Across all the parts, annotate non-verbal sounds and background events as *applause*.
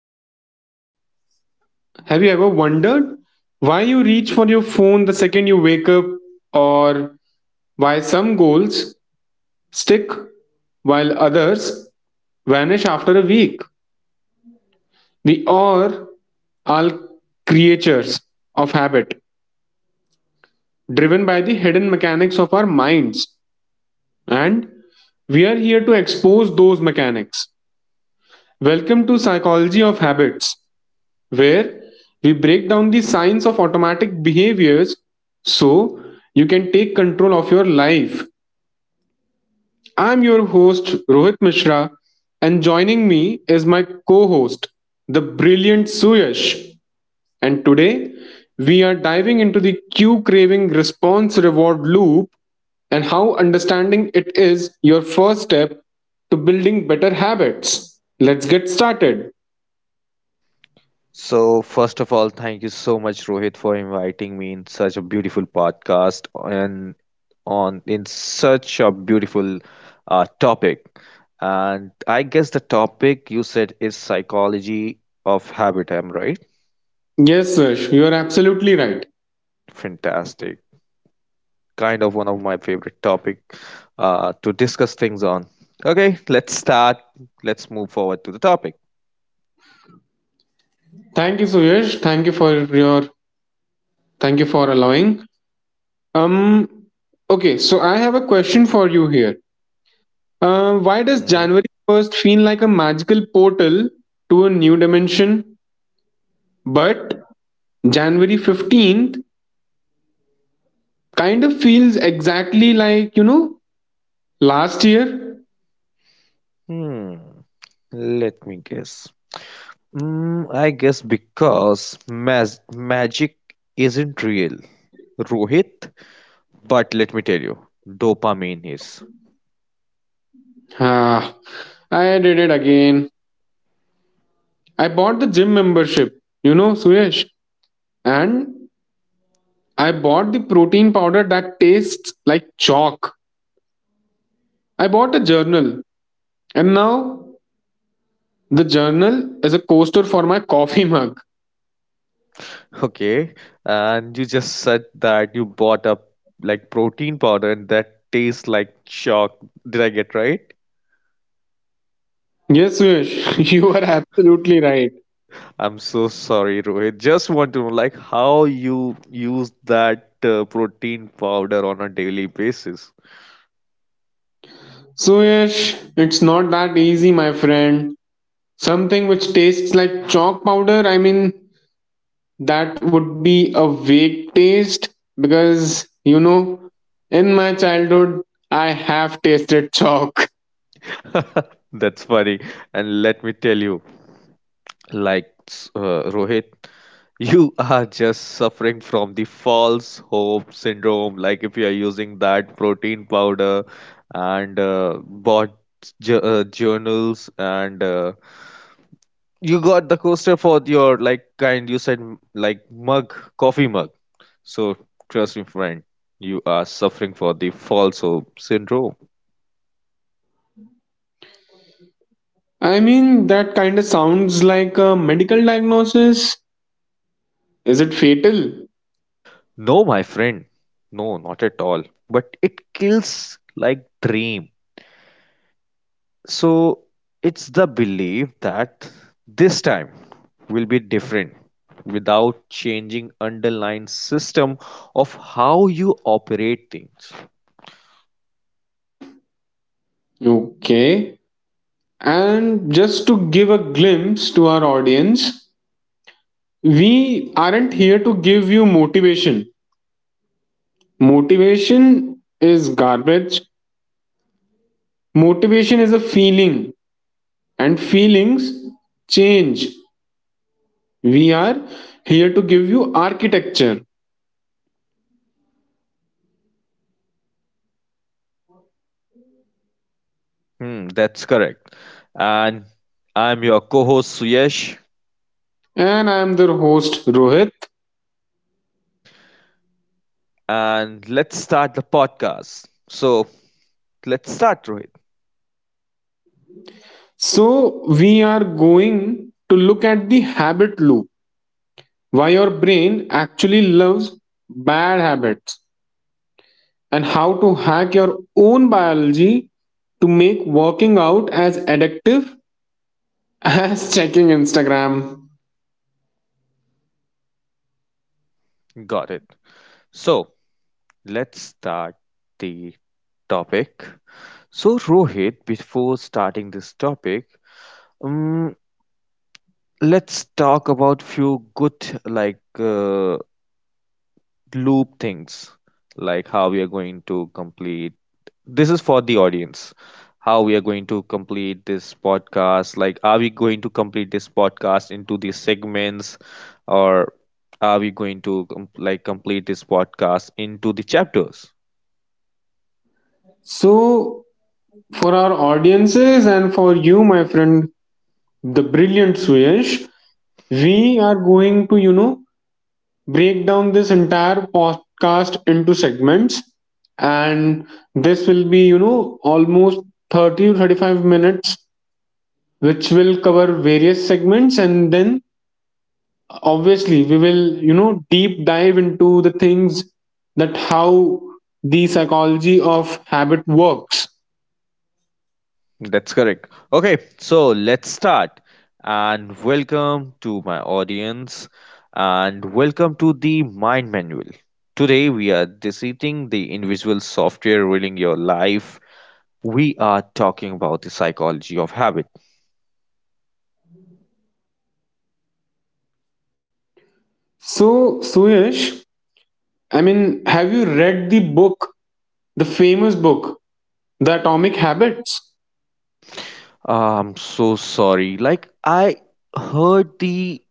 Hey, hey. Have you ever wondered why you reach for your phone the second you wake up, or why some goals stick while others vanish after a week? We are all creatures of habit, driven by the hidden mechanics of our minds, and we are here to expose those mechanics. Welcome to Psychology of Habits, where we break down the science of automatic behaviors so you can take control of your life. I'm your host, Rohit Mishra, and joining me is my co host, the brilliant Suyash. And today, we are diving into the cue craving response reward loop and how understanding it is your first step to building better habits. Let's get started. So, first of all, thank you so much, Rohit, for inviting me in such a beautiful podcast and on in such a beautiful topic. And I guess the topic you said is psychology of habit. Am right? Yes, Suyash, you are absolutely right. Fantastic. Kind of one of my favorite topic to discuss things on. Okay, let's start. Let's move forward to the topic. Thank you, Suyash. Your thank you for allowing. Um, okay, so I have a question for you here. Why does hmm January 1st feel like a magical portal to a new dimension, but January 15th kind of feels exactly like last year? Hmm. Let me guess. Mm, I guess because magic isn't real, Rohit. But let me tell you, dopamine is. Ah, I did it again. I bought the gym membership, Suyash, and I bought the protein powder that tastes like chalk. I bought a journal, and now the journal is a coaster for my coffee mug. Okay, and you just said that you bought a like protein powder and that tastes like chalk. Did I get right? Yes, Suyash, *laughs* you are absolutely right. I'm so sorry, Rohit. Just want to know like how you use that protein powder on a daily basis. Suyash, it's not that easy, my friend. Something which tastes like chalk powder, I mean, that would be a vague taste because, in my childhood, I have tasted chalk. *laughs* That's funny. And let me tell you, like Rohit, *laughs* you are just suffering from the false hope syndrome. Like if you are using that protein powder and bought j journals and you got the coaster for your like kind you said like mug, coffee mug. So trust me, friend, you are suffering for the false hope syndrome. I mean, that kind of sounds like a medical diagnosis. Is it fatal? No, my friend, no, not at all. But it kills like dream. So it's the belief that this time will be different without changing underlying system of how you operate things. Okay. And just to give a glimpse to our audience, we aren't here to give you motivation. Motivation is garbage. Motivation is a feeling, and feelings change. We are here to give you architecture. Hmm, that's correct. And I'm your co-host Suyesh, And I am the host, Rohit. and let's start the podcast. So let's start, Rohit. So, we are going to look at the habit loop why your brain actually loves bad habits and how to hack your own biology to make working out as addictive as *laughs* checking Instagram. Got it. So let's start the topic. So Rohit, before starting this topic, um, let's talk about few good like loop things, like how we are going to complete, this is for the audience, how we are going to complete this podcast, like are we going to complete this podcast into these segments, or are we going to like complete this podcast into the chapters? So, for our audiences and for you, my friend, the brilliant Suyash, we are going to, break down this entire podcast into segments. And this will be, almost 30 to 35 minutes, which will cover various segments. And then obviously we will deep dive into the things that how the psychology of habit works. That's correct. Okay, so let's start. And welcome to my audience, and welcome to the Mind Manual. Today, we are dissecting the invisible software ruling your life. We are talking about the psychology of habit. So Suyash, I mean have you read the book, the famous book, The Atomic Habits? I'm so sorry. Like, I heard the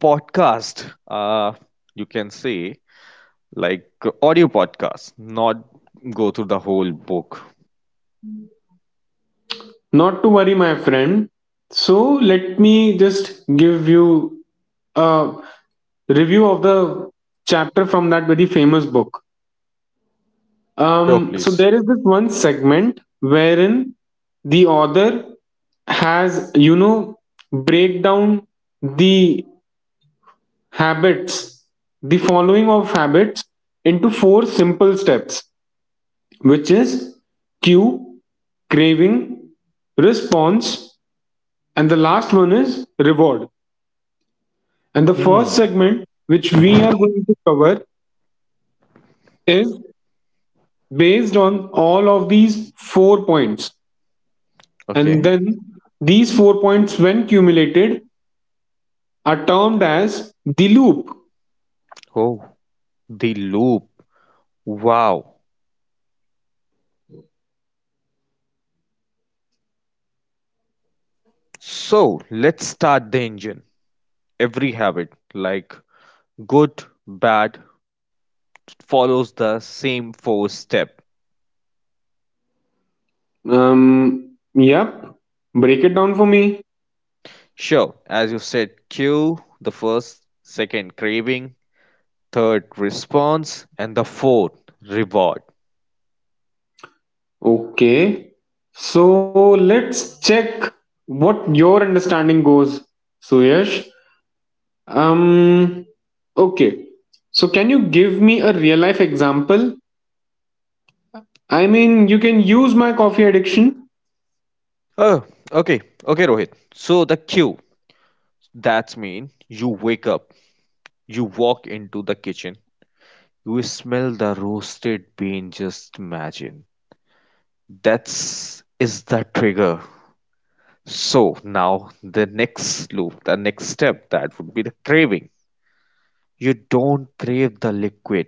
podcast, you can say, like audio podcast, not go through the whole book. Not to worry, my friend. So let me just give you a review of the chapter from that very famous book. Sure, So please. there is this one segment wherein the author has, break down the habits, the following of habits into four simple steps, which is cue, craving, response, and the last one is reward. And the first Hmm. segment which we are going to cover is based on all of these four points. And Okay. then these four points, when cumulated, are termed as the loop. Oh, the loop. Wow. So let's start the engine. Every habit, like good, bad, follows the same four step. Yep. Break it down for me. Sure, as you said, cue, the first, second, craving, third, response, and the fourth, reward. Okay. So let's check what your understanding goes, Suyash. Um, okay. So can you give me a real life example? I mean, you can use my coffee addiction. Oh, okay, okay, Rohit. So the cue, that's mean you wake up, you walk into the kitchen, you smell the roasted bean, just imagine that's is the trigger. So now the next loop, the next step, that would be the craving. You don't crave the liquid,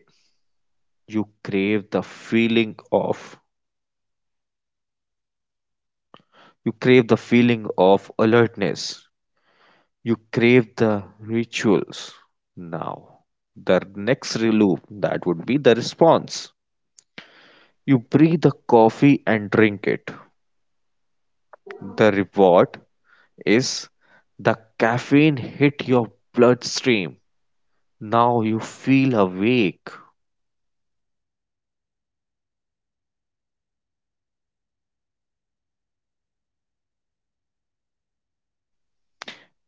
you crave the feeling of, you crave the feeling of alertness, you crave the rituals. Now the next loop, that would be the response. You brew the coffee and drink it. The reward is the caffeine hit your bloodstream. Now you feel awake.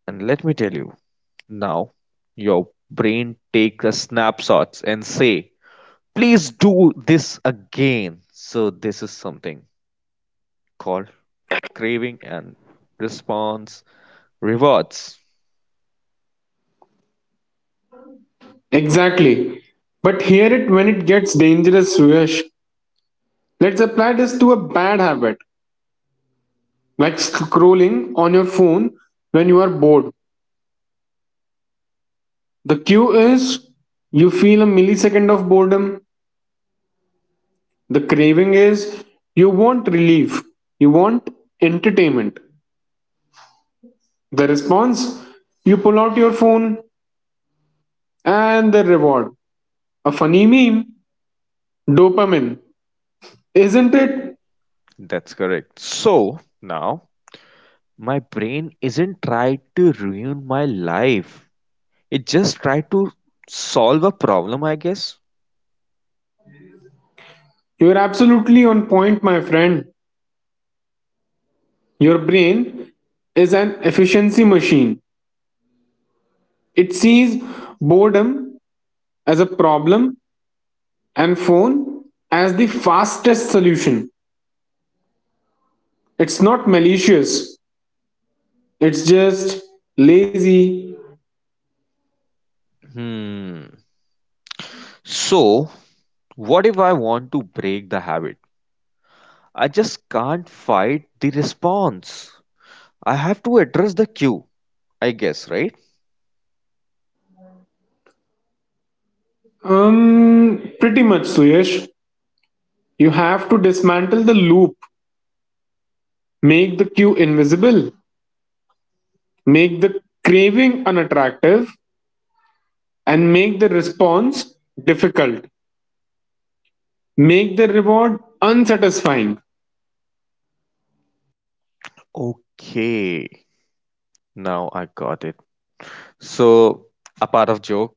And let me tell you, now your brain takes a snapshots and say, please do this again. So this is something called craving and response rewards. Exactly. But here it when it gets dangerous, Suyash. Let's apply this to a bad habit, like scrolling on your phone when you are bored. The cue is you feel a millisecond of boredom. The craving is you want relief, you want entertainment. The response you pull out your phone, and the reward a funny meme, dopamine. Isn't it? That's correct. So now my brain isn't trying to ruin my life. It just tried to solve a problem, I guess. You're absolutely on point, my friend. Your brain is an efficiency machine. It sees boredom as a problem and phone as the fastest solution. It's not malicious. It's just lazy. Hmm. So what if I want to break the habit? I just can't fight the response. I have to address the cue, I guess, right? Pretty much, Suyash. You have to dismantle the loop, make the cue invisible, make the craving unattractive, and make the response difficult. Make the reward unsatisfying. Okay, now I got it. So, a part of joke,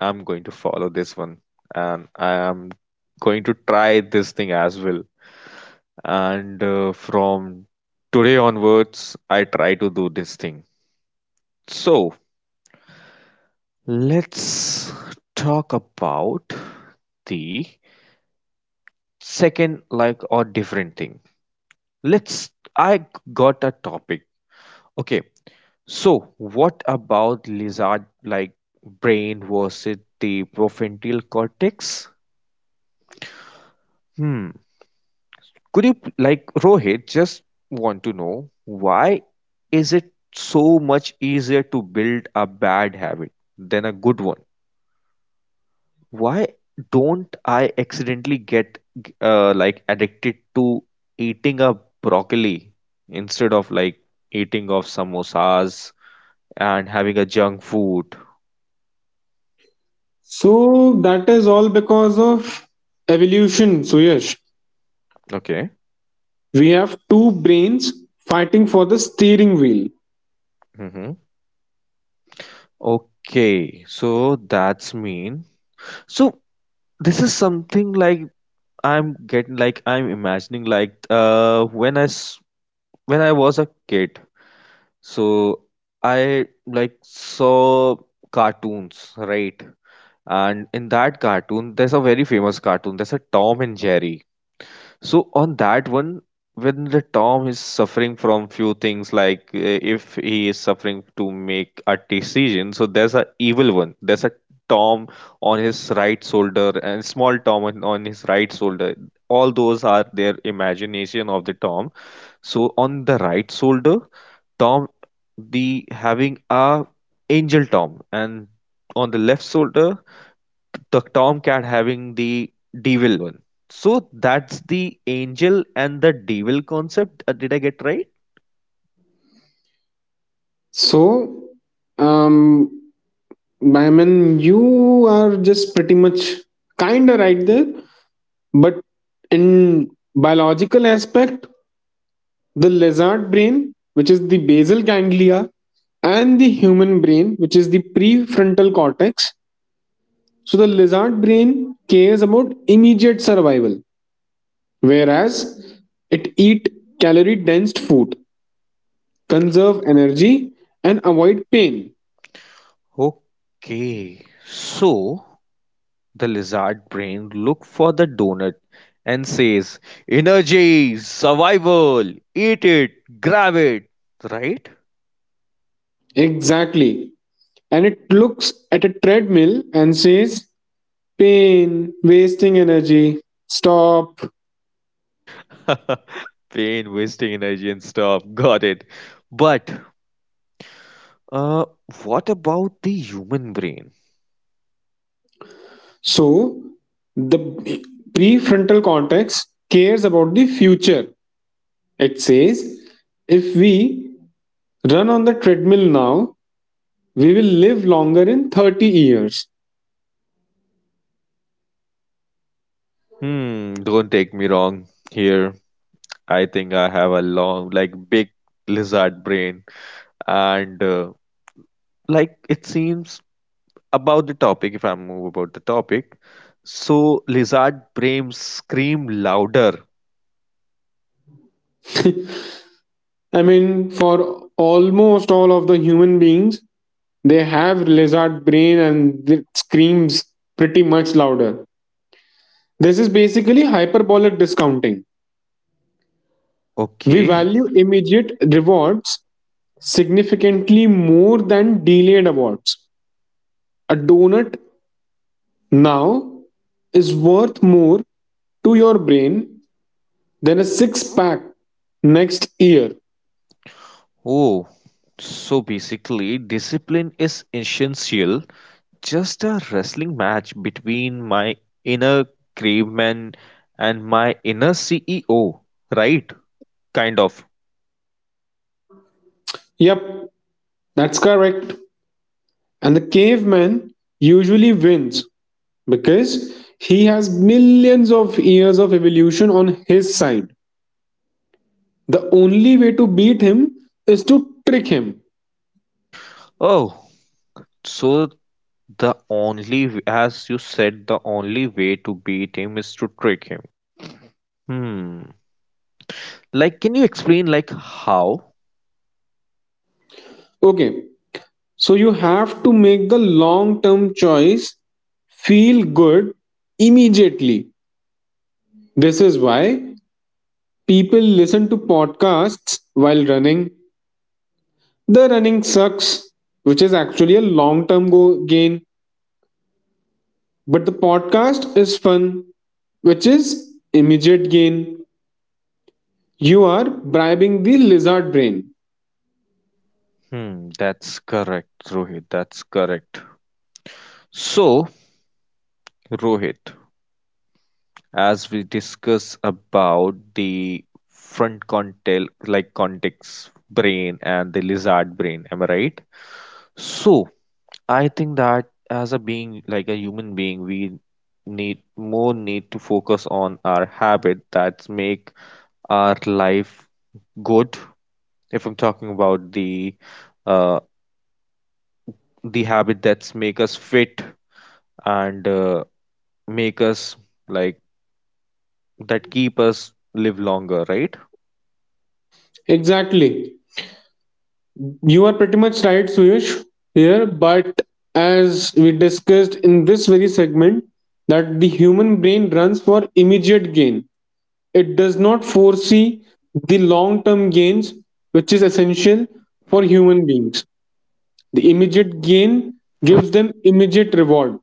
I'm going to follow this one and I am going to try this thing as well. And from today onwards, I try to do this thing. So, let's talk about the second like or different thing. Let's. I got a topic. Okay, so what about lizard-like brain versus the prefrontal cortex? Hmm. Could you, like Rohit, just want to know why is it so much easier to build a bad habit than a good one? Why don't I accidentally get like addicted to eating a broccoli instead of like eating of samosas and having a junk food? So that is all because of evolution, Suyash. Okay. We have two brains fighting for the steering wheel. hmm Okay. So that's mean. So this is something like, I'm getting, like I'm imagining, like when when I was a kid. So I like saw cartoons, right? And in that cartoon, there's a very famous cartoon. There's a Tom and Jerry. So on that one, when the Tom is suffering from few things, like if he is suffering to make a decision, so there's a evil one. There's a Tom on his right shoulder and small Tom on his right shoulder. All those are their imagination of the Tom. So on the right shoulder, Tom the having a angel Tom, and on the left shoulder the Tomcat having the devil one. So that's the angel and the devil concept. Did I get right? So, um, I mean, you are just pretty much kinda right there, but in biological aspect, the lizard brain, which is the basal ganglia, and the human brain, which is the prefrontal cortex. So the lizard brain cares about immediate survival, whereas it eat calorie dense food, conserve energy, and avoid pain. Okay. So the lizard brain look for the donut and says, "Energy, survival, eat it, grab it." Right? Exactly. And it looks at a treadmill and says pain, wasting energy, stop. *laughs* Pain, wasting energy, and stop. Got it. But uh, what about the human brain? So the prefrontal cortex cares about the future. It says if we run on the treadmill now, we will live longer in 30 years. Hmm. Don't take me wrong here. I think I have a long, like, big lizard brain. And, like, it seems about the topic, if I move about the topic. So, lizard brains scream louder. *laughs* I mean, for almost all of the human beings, they have lizard brain and it screams pretty much louder. This is basically hyperbolic discounting. We Okay. value immediate rewards significantly more than delayed awards. A donut now is worth more to your brain than a six pack next year. Oh, so basically, discipline is essential. Just a wrestling match between my inner caveman and my inner CEO, right? Kind of. Yep, that's correct. And the caveman usually wins because he has millions of years of evolution on his side. The only way to beat him is to trick him. Oh, so the only, as you said, the only way to beat him is to trick him. Hmm. Like, can you explain, like, how? Okay, so you have to make the long term choice feel good immediately. This is why people listen to podcasts while running. The running sucks, which is actually a long term gain, but the podcast is fun, which is immediate gain. You are bribing the lizard brain. Hmm. That's correct, Rohit. That's correct. So, Rohit, as we discuss about the front contact, like context brain and the lizard brain, am I right? So, I think that as a being, like a human being, we need more need to focus on our habit that make our life good, if I'm talking about uh, the habit that's make us fit and make us like that keep us live longer, right? Exactly. You are pretty much right, Suyesh, here, but as we discussed in this very segment, that the human brain runs for immediate gain. It does not foresee the long term gains, which is essential for human beings. The immediate gain gives them immediate reward.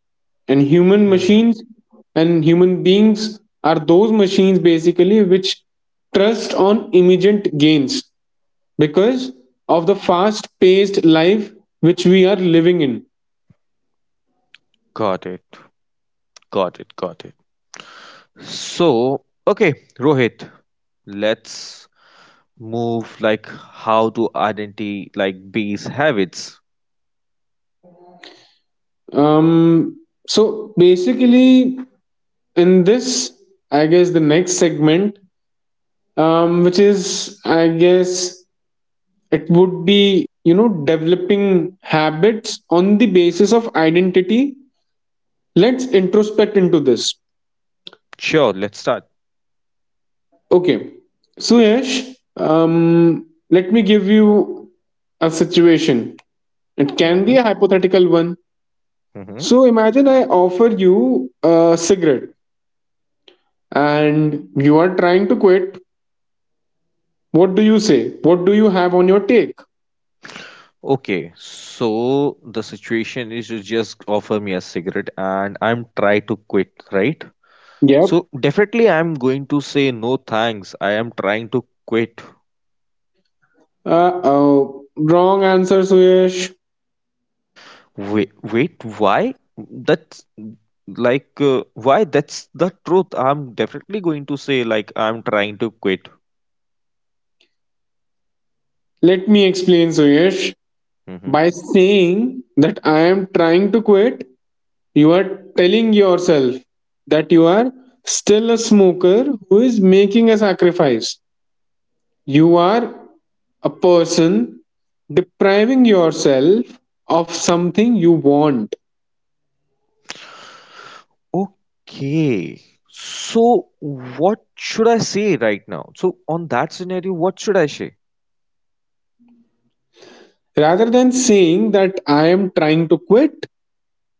And Hmm. Human beings are those machines basically which trust on immediate gains because of the fast paced life which we are living in. Got it. Got it, got it. So okay, Rohit, let's move like how to identity like these habits. Um, so basically, in this, I guess the next segment, which is, I guess, it would be developing habits on the basis of identity. Let's introspect into this. Sure, let's start. Okay, so Yash, let me give you a situation. It can be a hypothetical one. Mm-hmm. So imagine I offer you a cigarette and you are trying to quit. What do you say? What do you have on your take? Okay, so the situation is you just offer me a cigarette and I'm try to quit, right? Yep. So definitely I'm going to say no thanks. I am trying to quit. Uh oh, wrong answer, Suyesh. Wait, wait, why? That's like why? That's the truth. I'm definitely going to say like I'm trying to quit. Let me explain, Suyesh. Hmm. By saying that I am trying to quit, you are telling yourself that you are still a smoker who is making a sacrifice. You are a person depriving yourself of something you want. Okay. So what should I say right now? So on that scenario, what should I say? Rather than saying that I am trying to quit,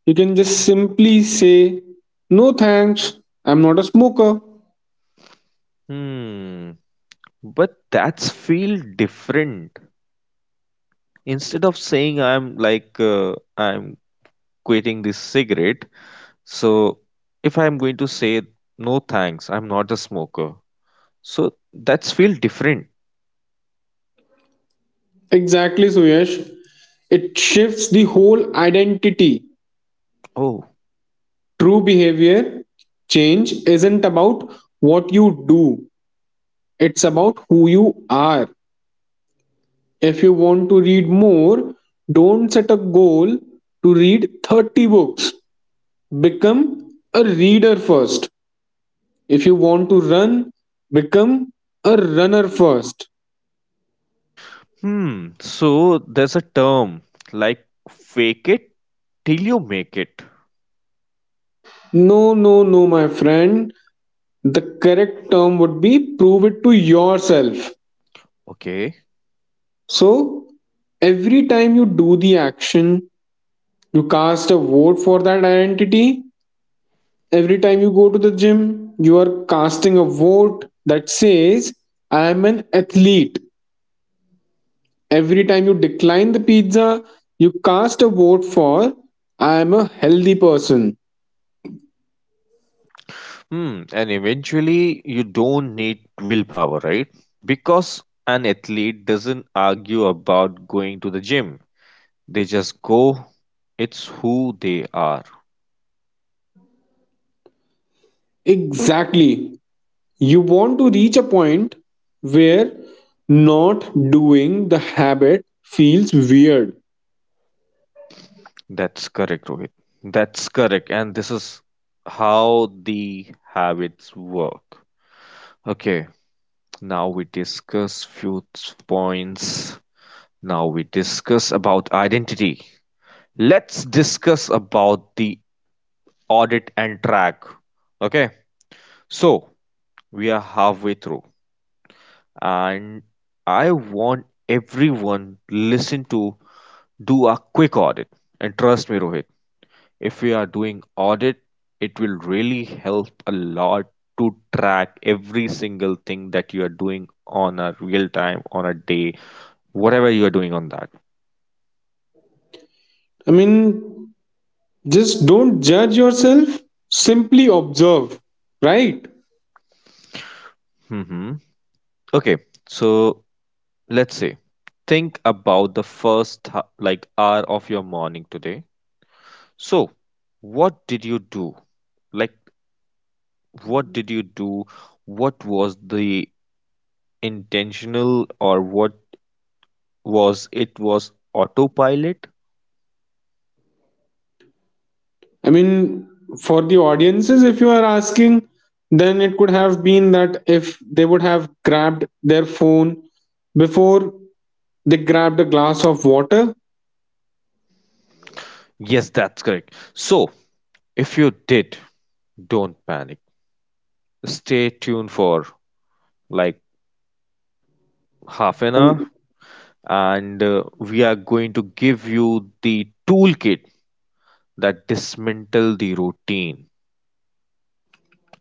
you can just simply say, no thanks, I'm not a smoker. Hmm. But that's feel different, instead of saying I'm like I'm quitting this cigarette. So if I'm going to say no thanks, I'm not a smoker, so that's feel different. Exactly, Suyash. It shifts the whole identity. Oh. True behavior change isn't about what you do, it's about who you are. If you want to read more, don't set a goal to read 30 books. Become a reader first. If you want to run, become a runner first. Hmm, so there's a term like fake it till you make it. No, no, no, my friend. The correct term would be prove it to yourself. Okay. So, every time you do the action, you cast a vote for that identity. Every time you go to the gym, you are casting a vote that says, I am an athlete. Every time you decline the pizza, you cast a vote for, I am a healthy person. Hmm, and eventually you don't need willpower, right? Because an athlete doesn't argue about going to the gym. They just go. It's who they are. Exactly. You want to reach a point where not doing the habit feels weird. That's correct, Rohit. That's correct. And this is how the habits work. Okay, now we discuss few points. Now we discuss about identity. Let's discuss about the audit and track. Okay, so we are halfway through, and I want everyone listen to do a quick audit. And trust me, Rohit, if we are doing audit, it will really help a lot to track every single thing that you are doing on a real time, on a day, whatever you are doing on that. I mean, just don't judge yourself, simply observe, right? Hmm. Okay, so let's say think about the first like hour of your morning today. So, what did you do? Like, what did you do? What was the intentional or what was it, was autopilot? I mean, for the audiences, if you are asking, then it could have been that if they would have grabbed their phone before they grabbed a glass of water. Yes, that's correct. So, if you did, don't panic. Stay tuned for like half an And, hour, and we are going to give you the toolkit that dismantle the routine,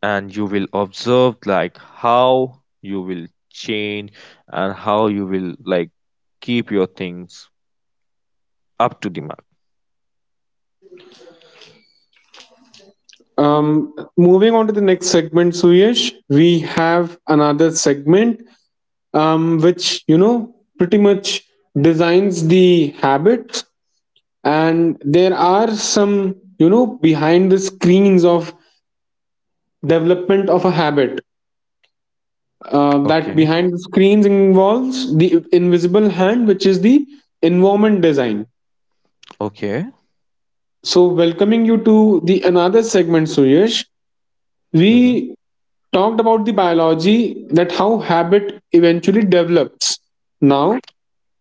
and you will observe like how you will change and how you will like keep your things up to the mark. Moving on to the next segment, Suyesh, we have another segment which, pretty much designs the habits. And there are some, behind the screens of development of a habit that Okay. behind the screens involves the invisible hand, which is the environment design. Okay. So, welcoming you to the another segment, Suyash. Mhm. We talked about the biology that how habit eventually develops. Now,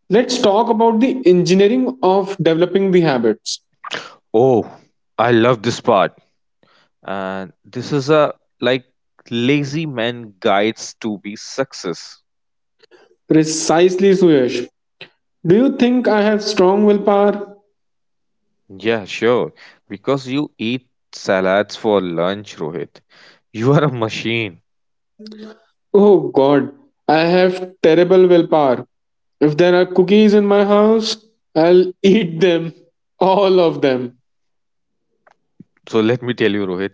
let's talk about the engineering of developing the habits. Oh, I love this part. And this is a like lazy man guides to be success. Precisely, Suyash. Do you think I have strong willpower? Yeah, sure, because you eat salads for lunch, Rohit. You are a machine. Oh god, I have terrible willpower. If there are cookies in my house, I'll eat them. All of them. So let me tell you, Rohit,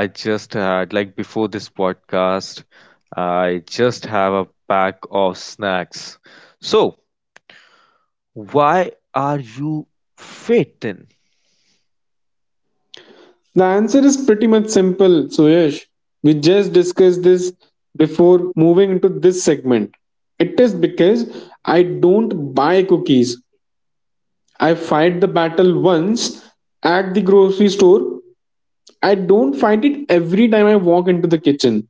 I just had like before this podcast, I just have a pack of snacks. So why are you fit then? The answer is pretty much simple, Suyesh. We just discussed this before moving into this segment. It is because I don't buy cookies. I fight the battle once at the grocery store. I don't fight it every time I walk into the kitchen.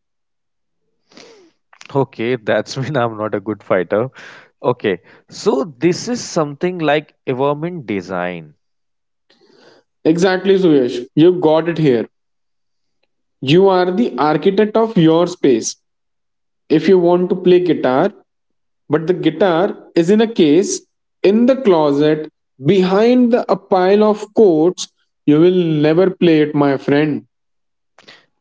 Okay, that's *laughs* when I'm not a good fighter. Okay, so this is something like environment design. Exactly, Suyesh. You got it here. You are the architect of your space. If you want to play guitar, but the guitar is in a case, in the closet, behind a pile of coats, you will never play it, my friend.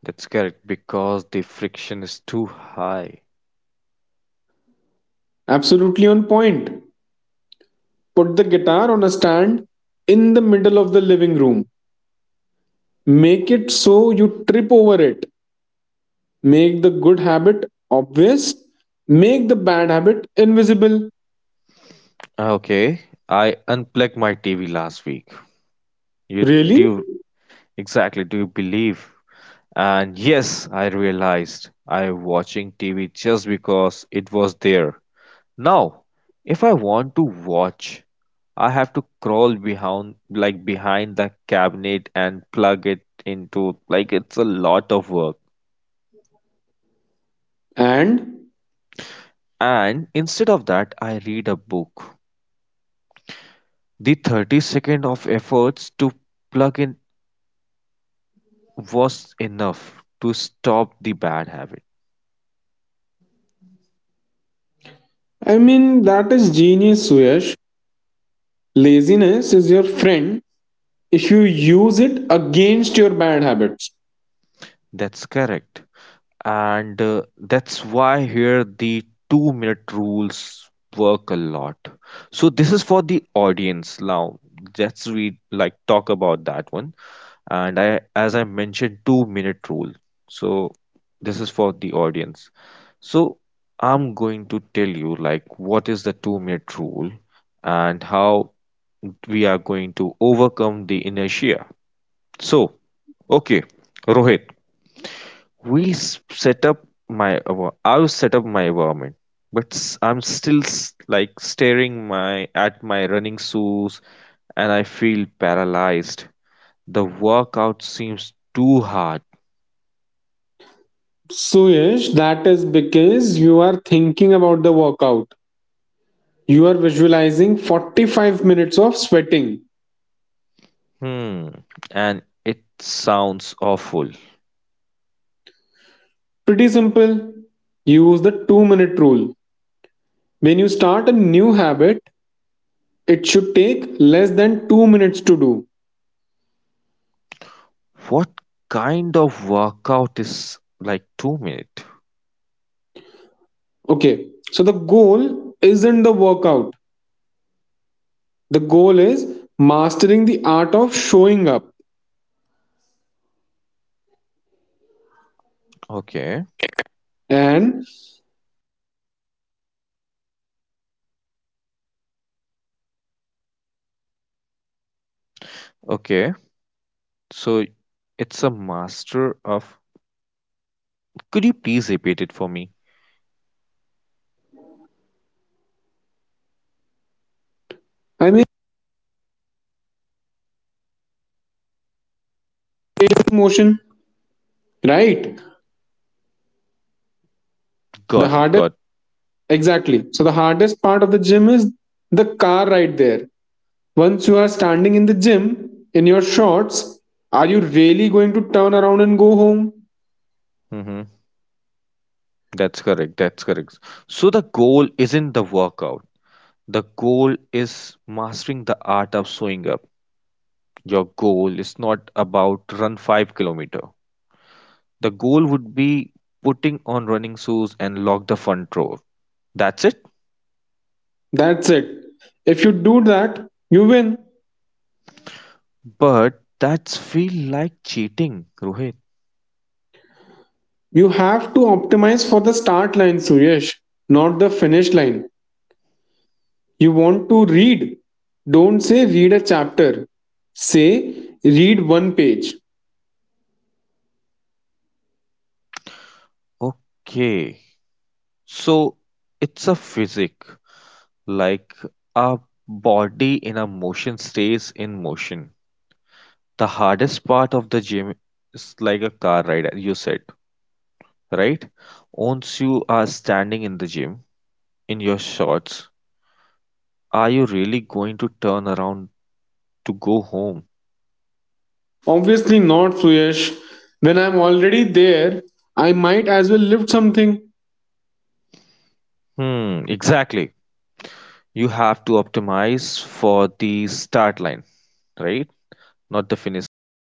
That's correct, because the friction is too high. Absolutely on point. Put the guitar on a stand in the middle of the living room. Make it so you trip over it. Make the good habit obvious. Make the bad habit invisible. Ah, okay, I unplugged my TV last week. You Really? do you- exactly, do you believe? And yes, I realized I watching TV just because it was there. Now, if I want to watch, I have to crawl behind like behind the cabinet and plug it into, like it's a lot of work. And? And instead of that, I read a book. The 30 seconds of efforts to plug in was enough to stop the bad habit. I mean, that is genius, Suyash. Laziness is your friend if you use it against your bad habits. That's correct. And that's why here the 2 minute rules work a lot. So this is for the audience now. Let's we like talk about that one. And I as I mentioned 2 minute rule. So this is for the audience. So I'm going to tell you like what is the 2-minute rule and how we are going to overcome the inertia. So, okay, Rohit, set up my I have set up my environment, but I'm still like staring my at my running shoes and I feel paralyzed. The workout seems too hard. Suyash, that is because you are thinking about the workout. You are visualizing 45 minutes of sweating. Hmm, and it sounds awful. Pretty simple. Use the 2-minute rule. When you start a new habit, it should take less than 2 minutes to do. What kind of workout is like 2 minute? Okay, so the goal Okay, okay. So it's a master of. Could you please repeat it for me? I mean, gym motion, right? The Got it, hardest, got. exactly. So, the hardest part of the gym is the car right there. Once you are standing in the gym in your shorts, are you really going to turn around and go home? Mm-hmm. That's correct, that's correct. So the goal isn't the workout. The goal is mastering the art of showing up. Your goal is not about run 5 kilometer. The goal would be putting on running shoes and lock the front door. That's it. That's it. If you do that, you win. But that's feel like cheating, Rohit. You have to optimize for the start line, Suresh, not the finish line. You want to read. Don't say read a chapter. Say read one page. Okay. So it's a physic, like our body in a motion stays in motion. The hardest part of the gym is like a car ride, you said, right? Once you are standing in the gym in your shorts, are you really going to turn around to go home? Obviously not, Suyesh. When I'm already there, I might as well lift something. Hmm, exactly. You have to optimize for the start line, right? Not the finish line.